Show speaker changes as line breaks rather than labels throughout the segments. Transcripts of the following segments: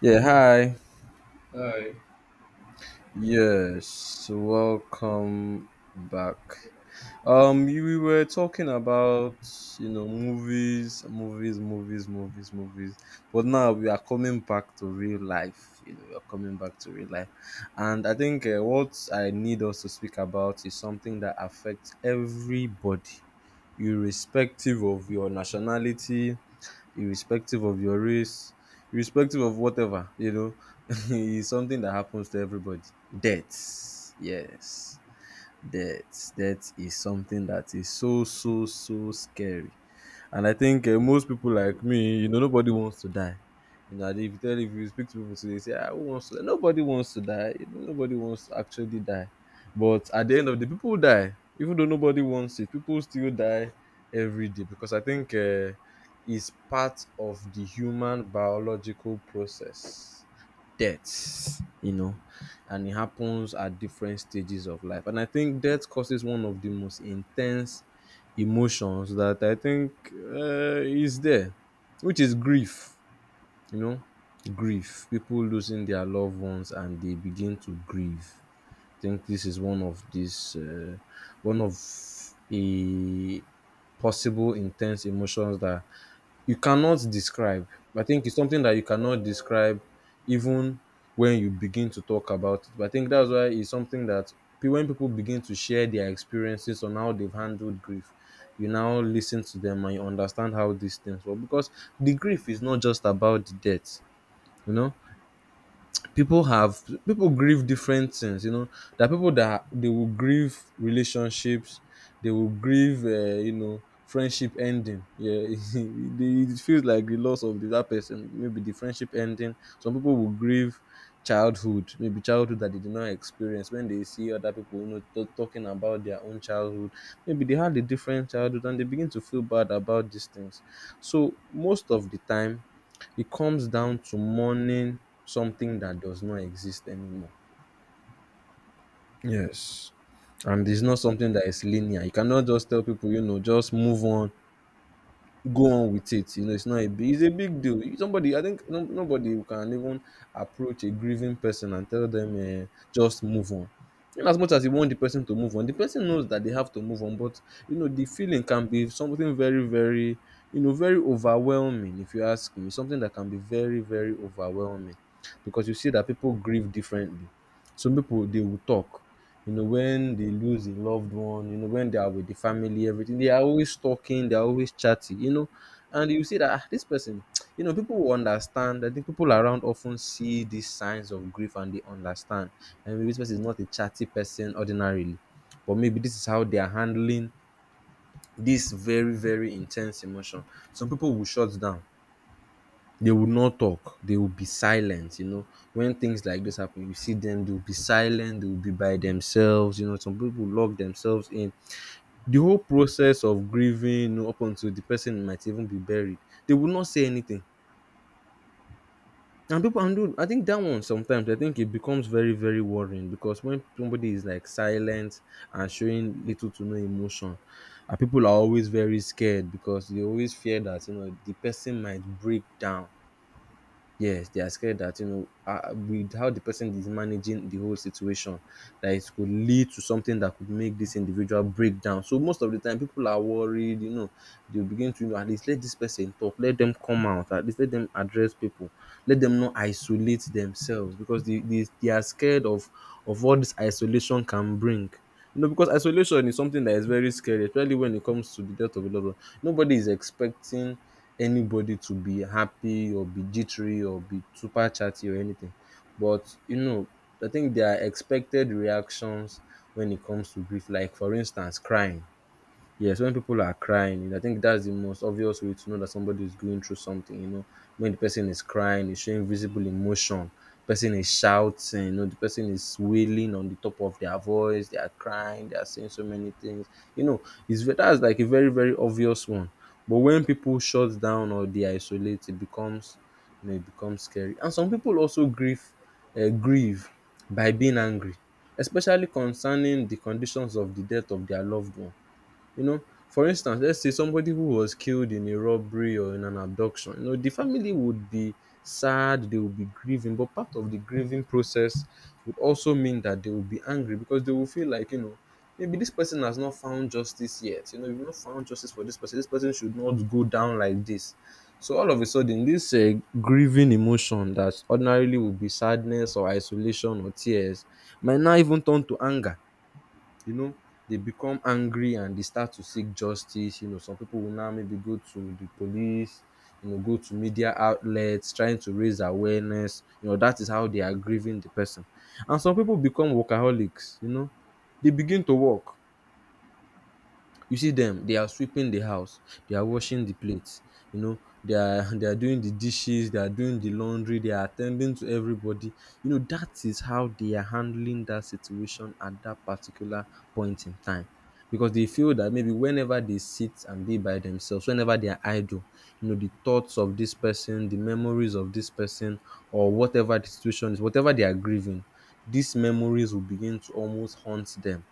Yeah, hi. Yes, welcome back. You we were talking about, you know, movies, movies, movies, movies, movies. But now we are coming back to real life. You know, we are coming back to real life. And I think what I need us to speak about is something that affects everybody, irrespective of your nationality, irrespective of your race, irrespective of whatever, you know, it's something that happens to everybody. Death, yes, death, death is something that is so so so scary. And I think most people like me, you know, nobody wants to die. You know, and if you speak to people today, say, ah, who wants to die? Nobody wants to die. You know, nobody wants to actually die. But at the end of the day, people die. Even though nobody wants it, people still die every day because I think it's part of the human biological process death. You know, and it happens at different stages of life. And I think death causes one of the most intense emotions that I think is there, which is grief. You know, grief. People losing their loved ones and they begin to grieve think this is one of these one of a possible intense emotions that you cannot describe. I think it's something that you cannot describe even when you begin to talk about it. But I think that's why it's something that when people begin to share their experiences on how they've handled grief, you now listen to them and you understand how these things work. Because the grief is not just about the death, you know, people have people grieve different things, you know. There are people that they will grieve relationships, they will grieve you know, friendship ending, yeah. They, it feels like the loss of the, that person, maybe the friendship ending. Some people will grieve childhood, maybe childhood that they did not experience when they see other people, you know, talking about their own childhood. Maybe they had a different childhood and they begin to feel bad about these things. So most of the time it comes down to mourning something that does not exist anymore. Yes. And it's not something that is linear. You cannot just tell people, you know, just move on, go on with it. You know, it's not a big, it's a big deal. You- Somebody, I think no, nobody can even approach a grieving person and tell them just move on. And as much as you want the person to move on, the person knows that they have to move on. But you know, the feeling can be something very, very, you know, very overwhelming. If you ask me, something that can be very, very overwhelming, because you see that people grieve differently. Some people they will talk, you know, when they lose a loved one, you know, when they are with the family, everything, they are always talking, they are always chatty, you know. And you see that, "Ah, this person," you know, people will understand. I think people around often see these signs of grief and they understand. And maybe this person is not a chatty person ordinarily, but maybe this is how they are handling this very, very intense emotion. Some people will shut down, they will not talk. They will be silent, you know. When things like this happen, you see them, they'll be silent, they'll be by themselves, you know. Some people lock themselves in. The whole process of grieving, you know, up until the person might even be buried, they will not say anything. And people, and dude, I think that one sometimes, I think it becomes very, very worrying because when somebody is like silent and showing little to no emotion, and people are always very scared because they always fear that, you know, the person might break down. Yes, they are scared that, you know, with how the person is managing the whole situation, that it could lead to something that could make this individual break down. So most of the time, people are worried. You know, they begin to, you know, at least let this person talk, let them come out, at least let them address people, let them not isolate themselves because they are scared of what this isolation can bring. You know, because isolation is something that is very scary, especially when it comes to the death of a loved one. Nobody is expecting anybody to be happy or be jittery or be super chatty or anything. But you know, I think there are expected reactions when it comes to grief, like for instance, crying. Yes, when people are crying, I think that's the most obvious way to know that somebody is going through something. You know, when the person is crying, is showing visible emotion. Person is shouting. You know, the person is wailing on the top of their voice. They are crying. They are saying so many things. You know, that's like a very very obvious one. But when people shut down or they isolate, it becomes, you know, it becomes scary. And some people also grieve, grieve by being angry, especially concerning the conditions of the death of their loved one, you know, for instance, let's say somebody who was killed in a robbery or in an abduction, you know, the family would be sad, they would be grieving, but part of the grieving process would also mean that they will be angry because they will feel like, you know, maybe this person has not found justice yet. You know, you've not found justice for this person. This person should not go down like this. So all of a sudden, this grieving emotion that ordinarily would be sadness or isolation or tears might now even turn to anger, you know, they become angry and they start to seek justice. You know, some people will now maybe go to the police, you know, go to media outlets trying to raise awareness. You know, that is how they are grieving the person. And some people become workaholics, you know, they begin to work, you see them, they are sweeping the house, they are washing the plates, you know they are they are doing the dishes, they are doing the laundry, they are attending to everybody, you know, that is how they are handling that situation at that particular point in time, because they feel that maybe whenever they sit and be by themselves, whenever they are idle, you know, the thoughts of this person, the memories of this person, or whatever the situation is, whatever they are grieving, these memories will begin to almost haunt them,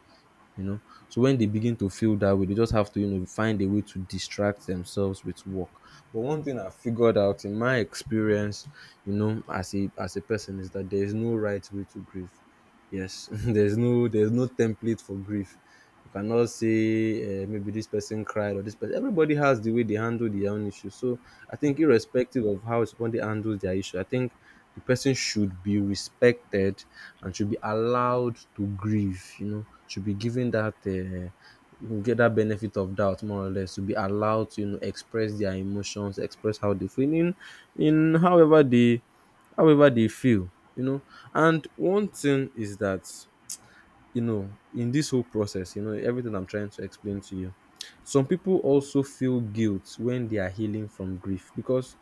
you know. So when they begin to feel that way, they just have to, you know, find a way to distract themselves with work. But one thing I figured out in my experience, you know, as a person is that there is no right way to grieve. Yes, there's no template for grief. You cannot say maybe this person cried or this person. Everybody has the way they handle their own issue. So I think irrespective of how somebody handles their issue, I think the person should be respected and should be allowed to grieve. You know, should be given that. You get that benefit of doubt more or less, to be allowed to, you know, express their emotions, express how they feel in however they feel, you know. And one thing is that, you know, in this whole process, you know, everything I'm trying to explain to you, some people also feel guilt when they are healing from grief because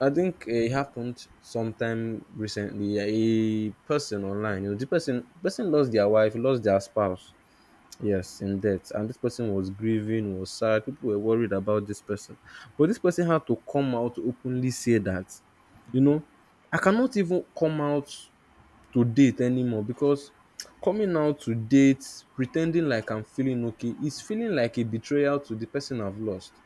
I think it happened sometime recently, a person online, you know, the person lost their wife, lost their spouse. Yes, in debt. And this person was grieving, was sad. People were worried about this person. But this person had to come out to openly say that, you know, I cannot even come out to date anymore because coming out to date, pretending like I'm feeling okay, is feeling like a betrayal to the person I've lost.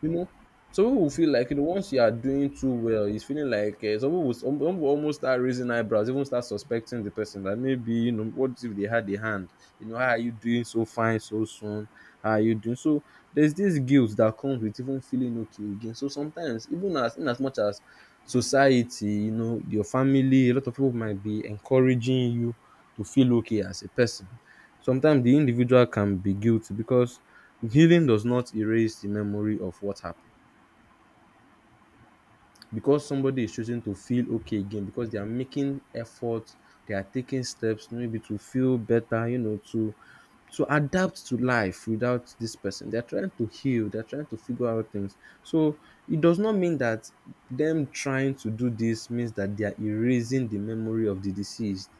You know, some people will feel like, you know, once you are doing too well, it's feeling like some people will almost start raising eyebrows, even start suspecting the person that maybe, you know, what if they had a hand? You know, how are you doing so fine so soon? How are you doing? So there's this guilt that comes with even feeling okay again. So sometimes even as in as much as society, you know, your family, a lot of people might be encouraging you to feel okay as a person. Sometimes the individual can be guilty because healing does not erase the memory of what happened. Because somebody is choosing to feel okay again, because they are making efforts, they are taking steps maybe to feel better, you know, to adapt to life without this person. They're trying to heal, they're trying to figure out things. So it does not mean that them trying to do this means that they are erasing the memory of the deceased.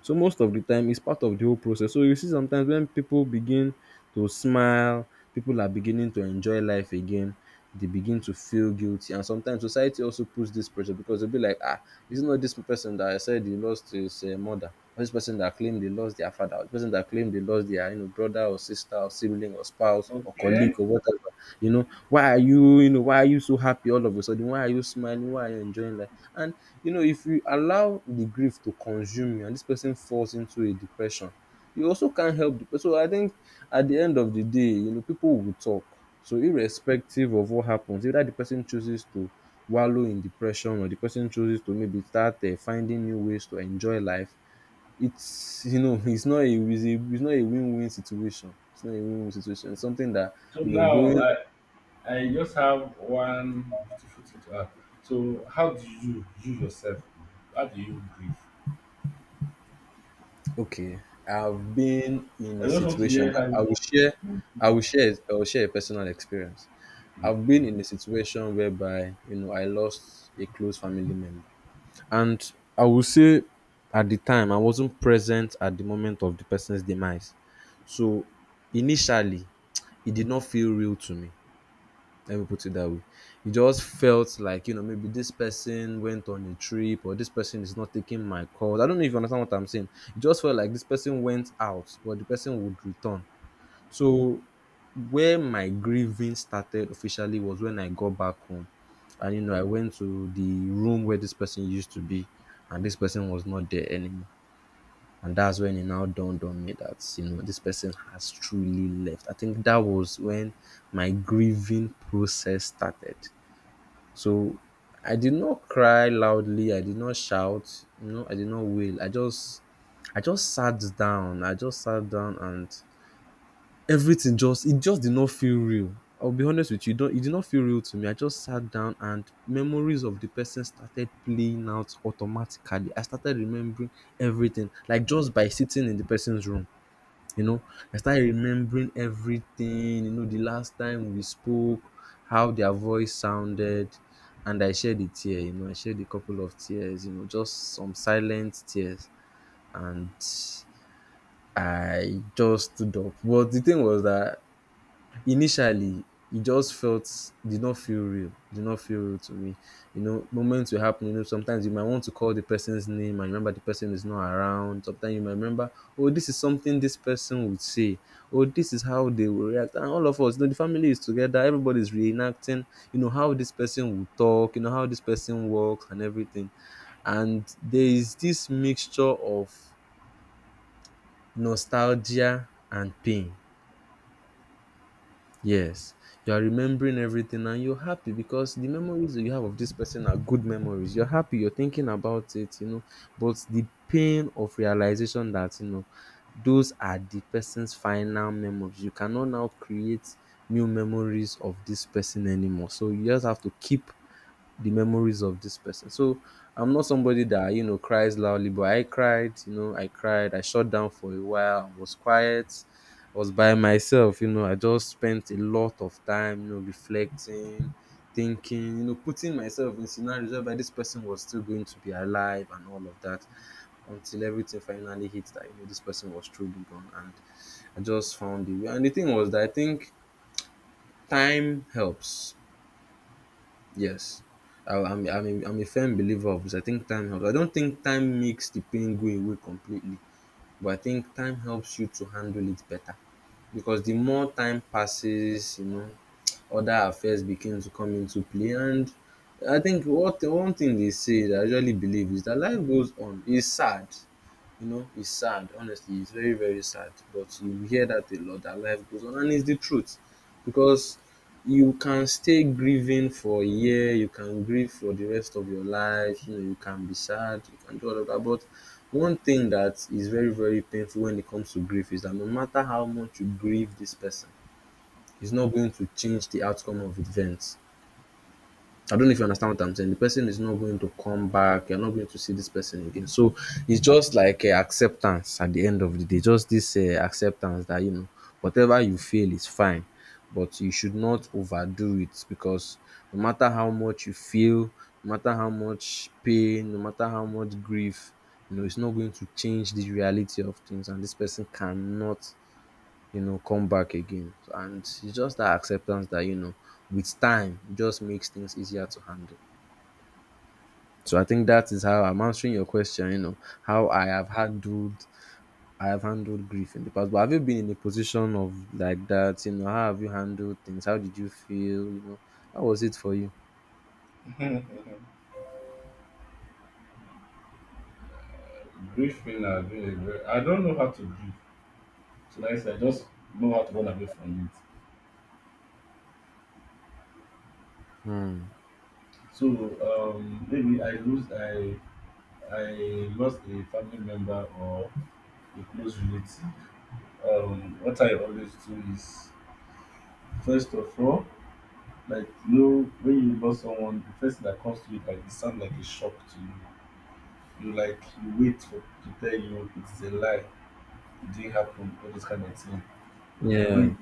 So most of the time, it's part of the whole process. So you see, sometimes when people begin to smile, people are beginning to enjoy life again. They begin to feel guilty, and sometimes society also puts this pressure because they'll be like, "Ah, it's not this person that I said he lost his mother, or this person that claimed." claim they lost their father, or the person that claimed they lost their you know brother or sister or sibling or spouse or colleague or whatever. You know, why are you you know why are you so happy all of a sudden? Why are you smiling? Why are you enjoying life? And you know, if you allow the grief to consume you, and this person falls into a depression, you also can't help the person. So I think at the end of the day, you know, people will talk. So irrespective of what happens, either the person chooses to wallow in depression or the person chooses to maybe start finding new ways to enjoy life, it's you know it's not a it's, a, it's not a win-win situation it's not a win-win situation It's something that you know going okay. I've been in a situation. I will share. I will share a personal experience. I've been in a situation whereby you know I lost a close family member. And I will say at the time I wasn't present at the moment of the person's demise. So initially it did not feel real to me, let me put it that way. It just felt like, you know, maybe this person went on a trip or this person is not taking my call. I don't know if you understand what I'm saying. It just felt like this person went out, but the person would return. So where my grieving started officially was when I got back home. And you know, I went to the room where this person used to be, and this person was not there anymore. And that's when it now dawned on me that, you know, this person has truly left. I think that was when my grieving process started. So I did not cry loudly. I did not shout. No, I did not wail. I just sat down. I just sat down and everything just it just did not feel real. I'll be honest with you, it did not feel real to me. I just sat down and memories of the person started playing out automatically. I started remembering everything, like just by sitting in the person's room. You know, I started remembering everything. You know, the last time we spoke, how their voice sounded, and I shed a tear. You know, I shed a couple of tears. You know, just some silent tears, and I just stood up. But the thing was that initially it just felt did not feel real, did not feel real to me. You know, moments were happening. You know, sometimes you might want to call the person's name and remember the person is not around. Sometimes you might remember, oh, this is something this person would say. Oh, this is how they will react. And all of us, you know, the family is together, everybody is reenacting, you know, how this person will talk, you know, how this person walks and everything. And there is this mixture of nostalgia and pain. Yes, you are remembering everything and you're happy because the memories that you have of this person are good memories. You're happy, you're thinking about it, you know. But the pain of realization that, you know, those are the person's final memories. You cannot now create new memories of this person anymore. So you just have to keep the memories of this person. So I'm not somebody that you know cries loudly, but I cried. You know, I cried. I shut down for a while. I was quiet. I was by myself. You know, I just spent a lot of time. You know, reflecting, thinking. You know, putting myself in scenarios whereby this person was still going to be alive and all of that. Until everything finally hit that you know this person was truly gone, and I just found the way. And the thing was that I think time helps. Yes. I'm a firm believer of this. I think time helps. I don't think time makes the pain go away completely, but I think time helps you to handle it better. Because the more time passes, you know, other affairs begin to come into play. And I think what one thing they say that I usually believe is that life goes on. It's sad, you know, it's sad. Honestly, it's very, very sad. But you hear that a lot that life goes on, and it's the truth because you can stay grieving for a year, you can grieve for the rest of your life, you know, you can be sad, you can do all of that. But one thing that is very, very painful when it comes to grief is that no matter how much you grieve this person, it's not going to change the outcome of events. I don't know if you understand what I'm saying. The person is not going to come back. You're not going to see this person again. So it's just like acceptance at the end of the day. Just this acceptance that, you know, whatever you feel is fine, but you should not overdo it because no matter how much you feel, no matter how much pain, no matter how much grief, you know, it's not going to change the reality of things. And this person cannot you know, come back again. And it's just that acceptance that, you know, with time it just makes things easier to handle. So I think that is how I'm answering your question, you know, how I have handled grief in the past. But have you been in a position of like that? You know, how have you handled things? How did you feel? You know, how was it for you? Hmm. Yeah.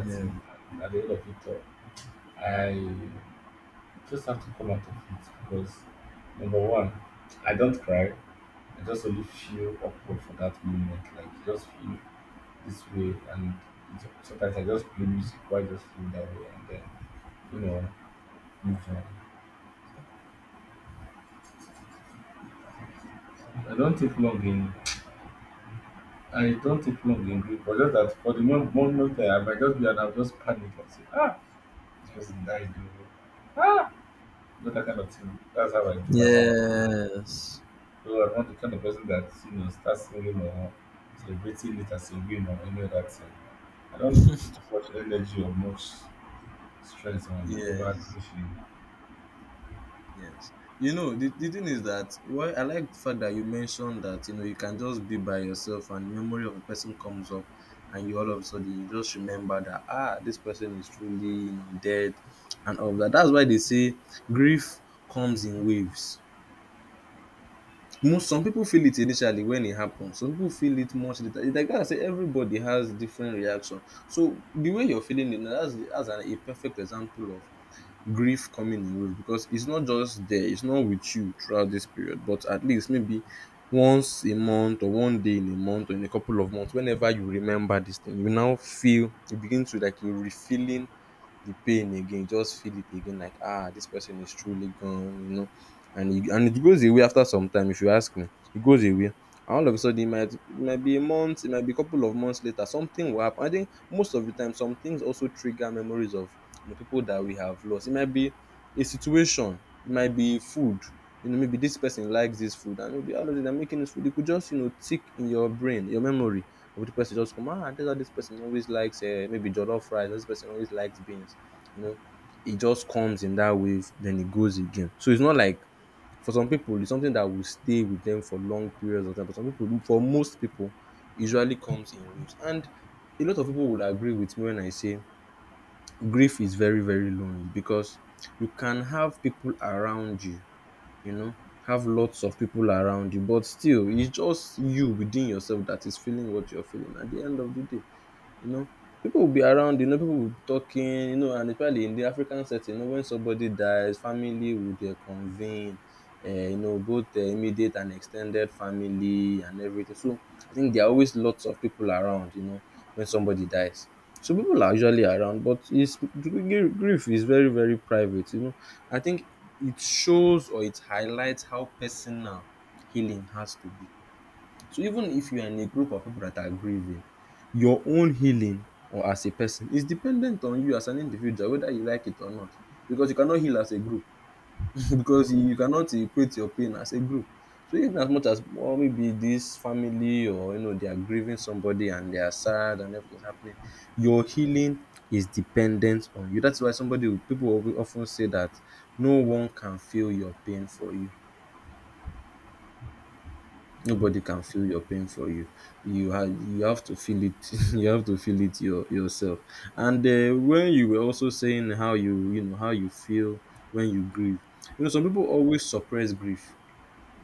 Yeah. Yes. Yes. Yes. You know, the thing is that why I like the fact that you mentioned that, you know, you can just be by yourself and memory of a person comes up and you all of a sudden you just remember that ah this person is truly, you know, dead and all of that. That's why they say grief comes in waves. Most some people feel it initially when it happens. Some people feel it much later. It's like that, I say everybody has different reaction. So the way you're feeling it now, that's a perfect example of grief coming in waves because it's not just there, it's not with you throughout this period, but at least maybe once a month or one day in a month or in a couple of months, whenever you remember this thing, you now feel you begin to like you're refilling the pain again. You just feel it again, like ah, this person is truly gone, you know. And it goes away after some time, if you ask me. It goes away. And all of a sudden, it might be a month, it might be a couple of months later, something will happen. I think most of the time, some things also trigger memories of you know, people that we have lost. It might be a situation, it might be food. You know, maybe this person likes this food, and maybe all of a sudden are making this food. It could just, you know, tick in your brain, your memory of the person. Just come, ah, this person always likes maybe jollof rice, this person always likes beans you know it just comes in that wave, then it goes again. So it's not like, for some people it's something that will stay with them for long periods of time, but some people for most people usually comes in waves. And a lot of people would agree with me when I say grief is very, very lonely, because you can have people around you, you know, have lots of people around you, but still it's just you within yourself that is feeling what you're feeling at the end of the day. You know, people will be around, you know, people will be talking, you know, and especially in the African setting, you know, when somebody dies, family would convene, you know, both immediate and extended family and everything. So I think there are always lots of people around, you know, when somebody dies. So people are usually around, but grief is very, very private, you know. I think it shows, or it highlights, how personal healing has to be. So even if you are in a group of people that are grieving, your own healing or as a person is dependent on you as an individual, whether you like it or not, because you cannot heal as a group. Because you cannot equate your pain as a group. So even as much as, well, maybe this family, or you know, they are grieving somebody and they are sad and everything's happening, your healing is dependent on you. That's why people will often say that no one can feel your pain for you. Nobody can feel your pain for you. You have to feel it. You have to feel it yourself. And when you were also saying how you know how you feel when you grieve, you know, some people always suppress grief,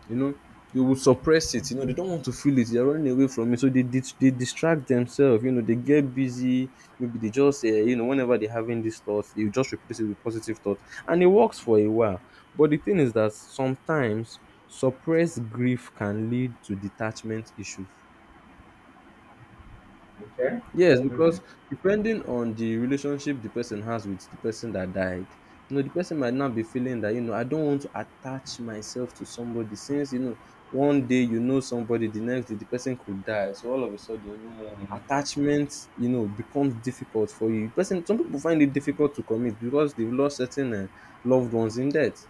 you know. They would suppress it, you know. They don't want to feel it, they're running away from it, so they they distract themselves, you know, they get busy. Maybe they just you know, whenever they're having these thoughts, they just replace it with positive thoughts, and it works for a while. But the thing is that sometimes suppressed grief can lead to detachment issues. Yes, because depending on the relationship the person has with the person that died, you know, the person might now be feeling that, you know, I don't want to attach myself to somebody, since, you know, one day you know somebody, the next day the person could die. So all of a sudden, you know, attachment, you know, becomes difficult for you. Person Some people find it difficult to commit because they've lost certain loved ones in death.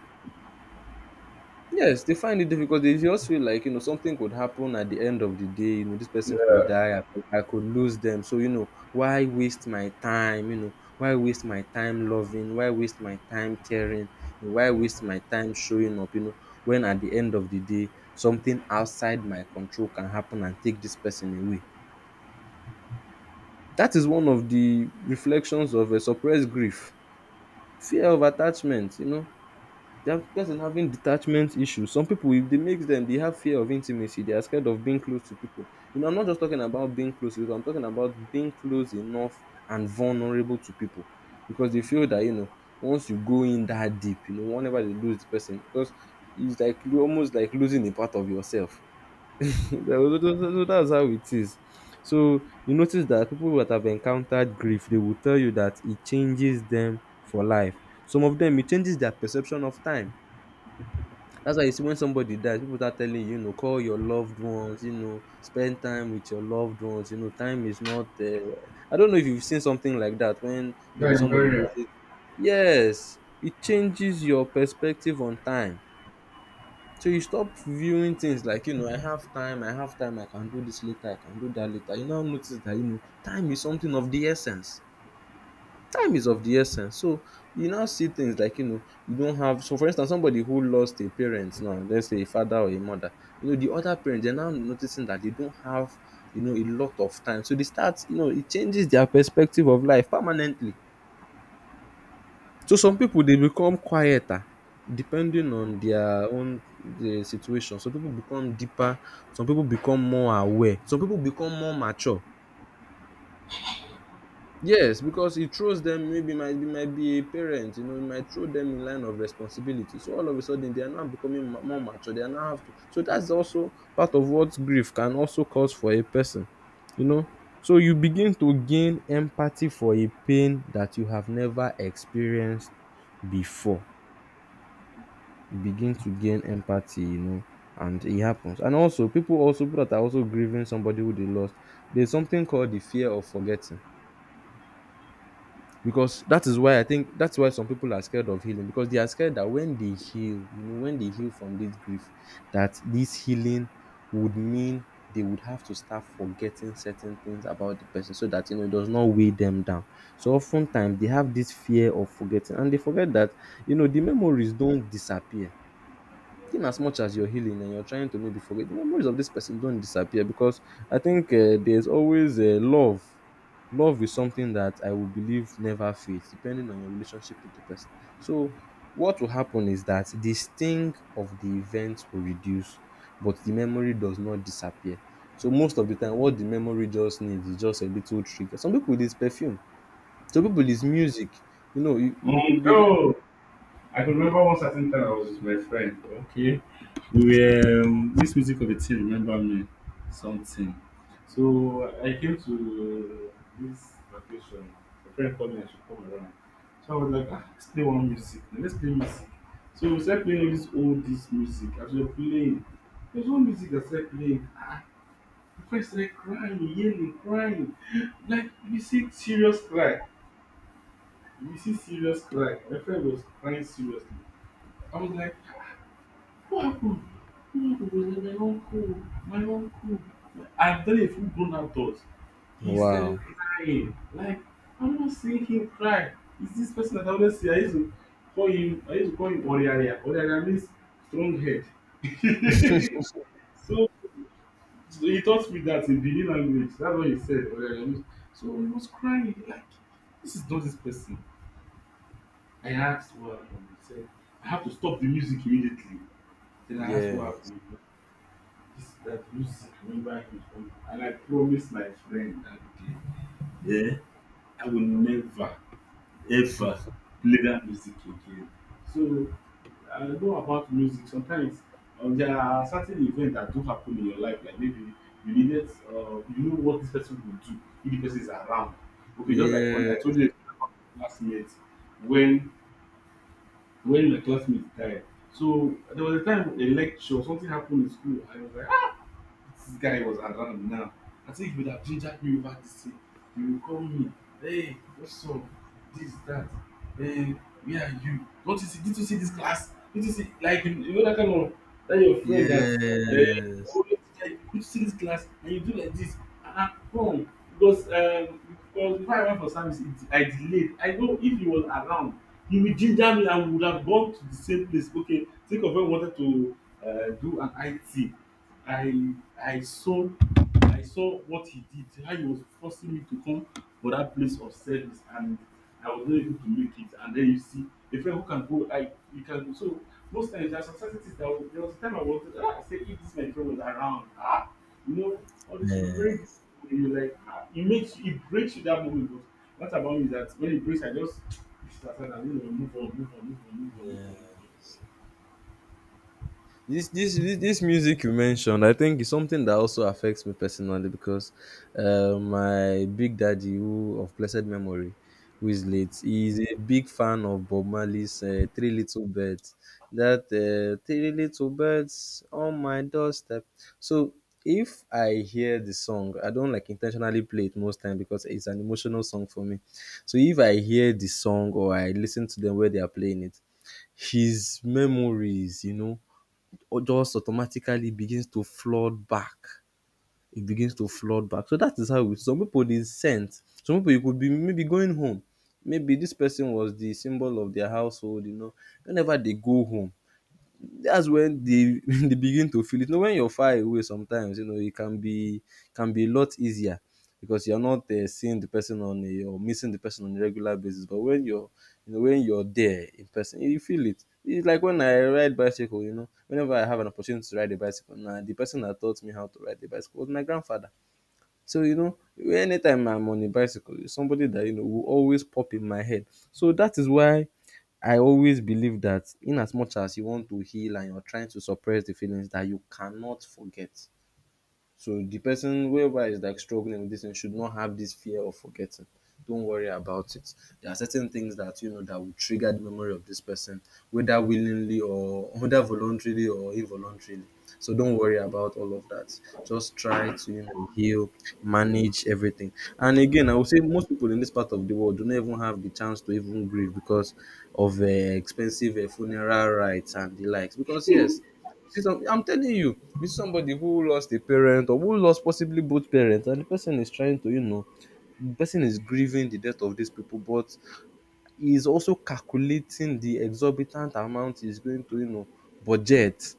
Yes, they find it difficult. They just feel like, you know, something could happen at the end of the day, you know, this person could die, I could lose them, so, you know, why waste my time, you know, why waste my time loving, why waste my time caring, why waste my time showing up, you know, when at the end of the day, something outside my control can happen and take this person away. That is one of the reflections of a suppressed grief. Fear of attachment, you know, that person having detachment issues. Some people, if they makes them, they have fear of intimacy. They are scared of being close to people. You know, I'm not just talking about being close to people. I'm talking about being close enough and vulnerable to people, because they feel that, you know, once you go in that deep, you know, whenever they lose the person, because it's like you almost like losing a part of yourself. So that's how it is. So you notice that people that have encountered grief, they will tell you that it changes them for life. Some of them, it changes their perception of time. That's why you see, when somebody dies, people start telling you, you know, call your loved ones, you know, spend time with your loved ones. You know, time is not. I don't know if you've seen something like that when maybe somebody loses. Yes, it changes your perspective on time. So you stop viewing things like, you know, I have time, I have time, I can do this later, I can do that later. You now notice that, you know, time is something of the essence. Time is of the essence. So you now see things like, you know, you don't have, so for instance, somebody who lost a parent, now let's say a father or a mother, you know, the other parent, they're now noticing that they don't have, you know, a lot of time, so they start, you know, it changes their perspective of life permanently. So some people they become quieter, depending on their own situation. Some people become deeper, some people become more aware, some people become more mature. Yes, because he throws them, maybe might be a parent, you know, he might throw them in line of responsibility. So all of a sudden they are now becoming more mature. They are now have to, so that's also part of what grief can also cause for a person, you know. So you begin to gain empathy for a pain that you have never experienced before. You begin to gain empathy, you know, and it happens. And also, people that are also grieving somebody who they lost, there's something called the fear of forgetting. Because that is why, I think, that's why some people are scared of healing, because they are scared that when they heal, you know, when they heal from this grief, that this healing would mean they would have to start forgetting certain things about the person, so that, you know, it does not weigh them down. So oftentimes they have this fear of forgetting, and they forget that, you know, the memories don't disappear. In as much as you're healing and you're trying to maybe forget, the memories of this person don't disappear, because I think there's always love. Love is something that I will believe never fades, depending on your relationship with the person. So, what will happen is that the sting of the event will reduce, but the memory does not disappear. So, most of the time, what the memory just needs is just a little trigger. Some people, it is perfume, some people, it is music. You know, it could be. Wow. Yes. Yes. Yes, this music you mentioned, I think, is something that also affects me personally, because my big daddy, who of blessed memory, who is late, he is a big fan of Bob Marley's Three Little Birds. That Three Little Birds on my doorstep. So if I hear the song, I don't like intentionally play it most time, because it's an emotional song for me. So if I hear the song, or I listen to them where they are playing it, his memories, you know, just automatically begins to flood back. It begins to flood back. So that is how it, some people dey scent. Some people, you could be maybe going home, maybe this person was the symbol of their household, you know. Whenever they go home, that's when they they begin to feel it. You know, when you're far away, sometimes, you know, it can be a lot easier, because you're not seeing the person on a, or missing the person on a regular basis. But when you're, when you're there in person, you feel it. It's like when I ride bicycle. You know, whenever I have an opportunity to ride a bicycle, now the person that taught me how to ride the bicycle was my grandfather. So you know, anytime I'm on a bicycle, it's somebody that, you know, will always pop in my head. So that is why I always believe that, in as much as you want to heal and you're trying to suppress the feelings, that you cannot forget. So the person, whoever is like struggling with this, and should not have this fear of forgetting. Don't worry about it. There are certain things that, you know, that will trigger the memory of this person, whether willingly or whether voluntarily or involuntarily. So don't worry about all of that. Just try to, you know, heal, manage everything. And again, I would say most people in this part of the world do not even have the chance to even grieve, because of expensive funeral rites and the likes. Because yes, you see some, I'm telling you, you see somebody who lost a parent, or who lost possibly both parents, and the person is trying to, you know, the person is grieving the death of these people, but he is also calculating the exorbitant amount he's going to, you know, budget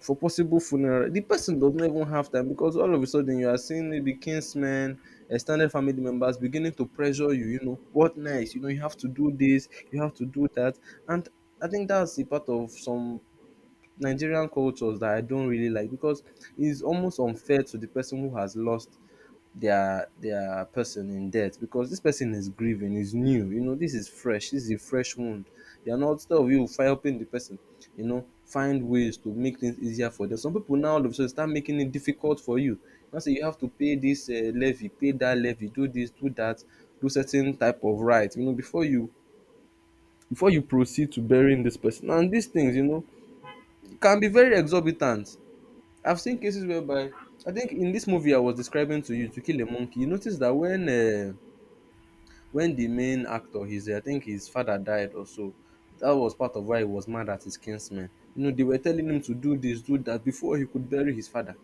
for possible funeral. The person does not even have time because all of a sudden you are seeing maybe kinsmen, extended family members beginning to pressure you, you know, what next? You know, you have to do this, you have to do that. And I think that's the part of some Nigerian cultures that I don't really like, because it's almost unfair to the person who has lost their person in death. Because this person is grieving, is new, you know, this is fresh, this is a fresh wound. You're not, instead of you helping the person, you know, find ways to make things easier for them, some people now all of a sudden start making it difficult for you. Now say you have to pay this levy, pay that levy, do this, do that, do certain type of right, you know, before you proceed to burying this person. And these things, you know, it can be very exorbitant. I've seen cases whereby, I think in this movie I was describing to you, To Kill a Monkey, you notice that when the main actor, his I think his father died or so, that was part of why he was mad at his kinsmen. You know, they were telling him to do this, do that before he could bury his father,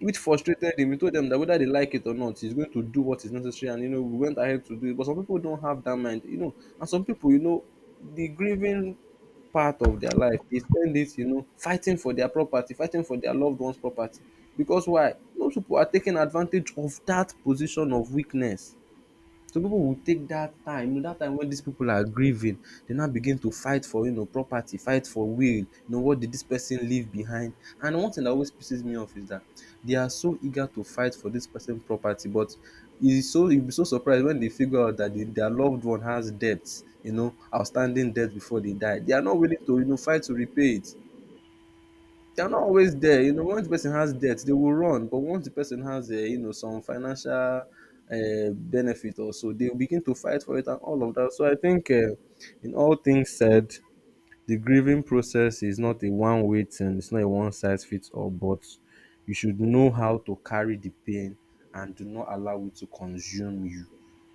which frustrated him. He told them that whether they like it or not, he's going to do what is necessary. And you know, we went ahead to do it. But some people don't have that mind, you know. And some people, you know, the grieving part of their life, they spend it, you know, fighting for their property, fighting for their loved ones' property. Because why? Most people are taking advantage of that position of weakness. Some pipu will take dat time, you know dat time wen dis pipu are grieving, dem now begin to fight for, you know, property, fight for will, you know, what did dis person leave behind. And one thing dat always pisses me off is dat they are so eager to fight for dis person property, but e so you be so surprised wen they figure out dat their loved one has debt, you know, outstanding debt before they die. They are not willing to, you know, fight to repay it. They're not always there. You know, once the person has debt, they will run. But once the person has, you know, some financial benefit or so, they will begin to fight for it and all of that. So I think, in all things said, the grieving process is not a one way thing. It's not a one size fits all. But you should know how to carry the pain, and do not allow it to consume you.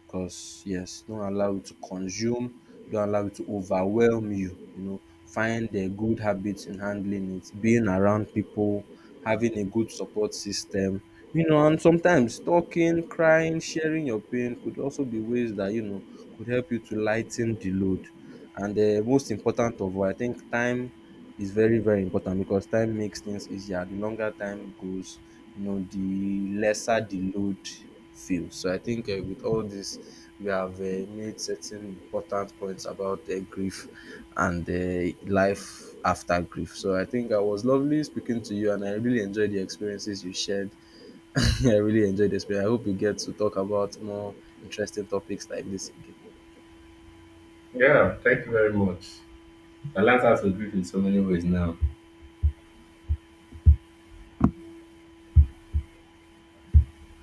Because yes, don't allow it to consume, don't allow it to overwhelm you. You know, find the good habits in handling it, being around people, having a good support system. You know, and sometimes talking, crying, sharing your pain could also be ways that, you know, could help you to lighten the load. And the most important of all, I think time is very, very important, because time makes things easier. The longer time goes, you know, the lesser the load feels. So I think, with all this, we have made certain important points about grief and life after grief. So I think I was lovely speaking to you, and I really enjoyed the experiences you shared. I really enjoyed the experience. I hope we get to talk about more interesting topics like this again.
Yeah, thank you very much. I learned how to grieve in so many ways now.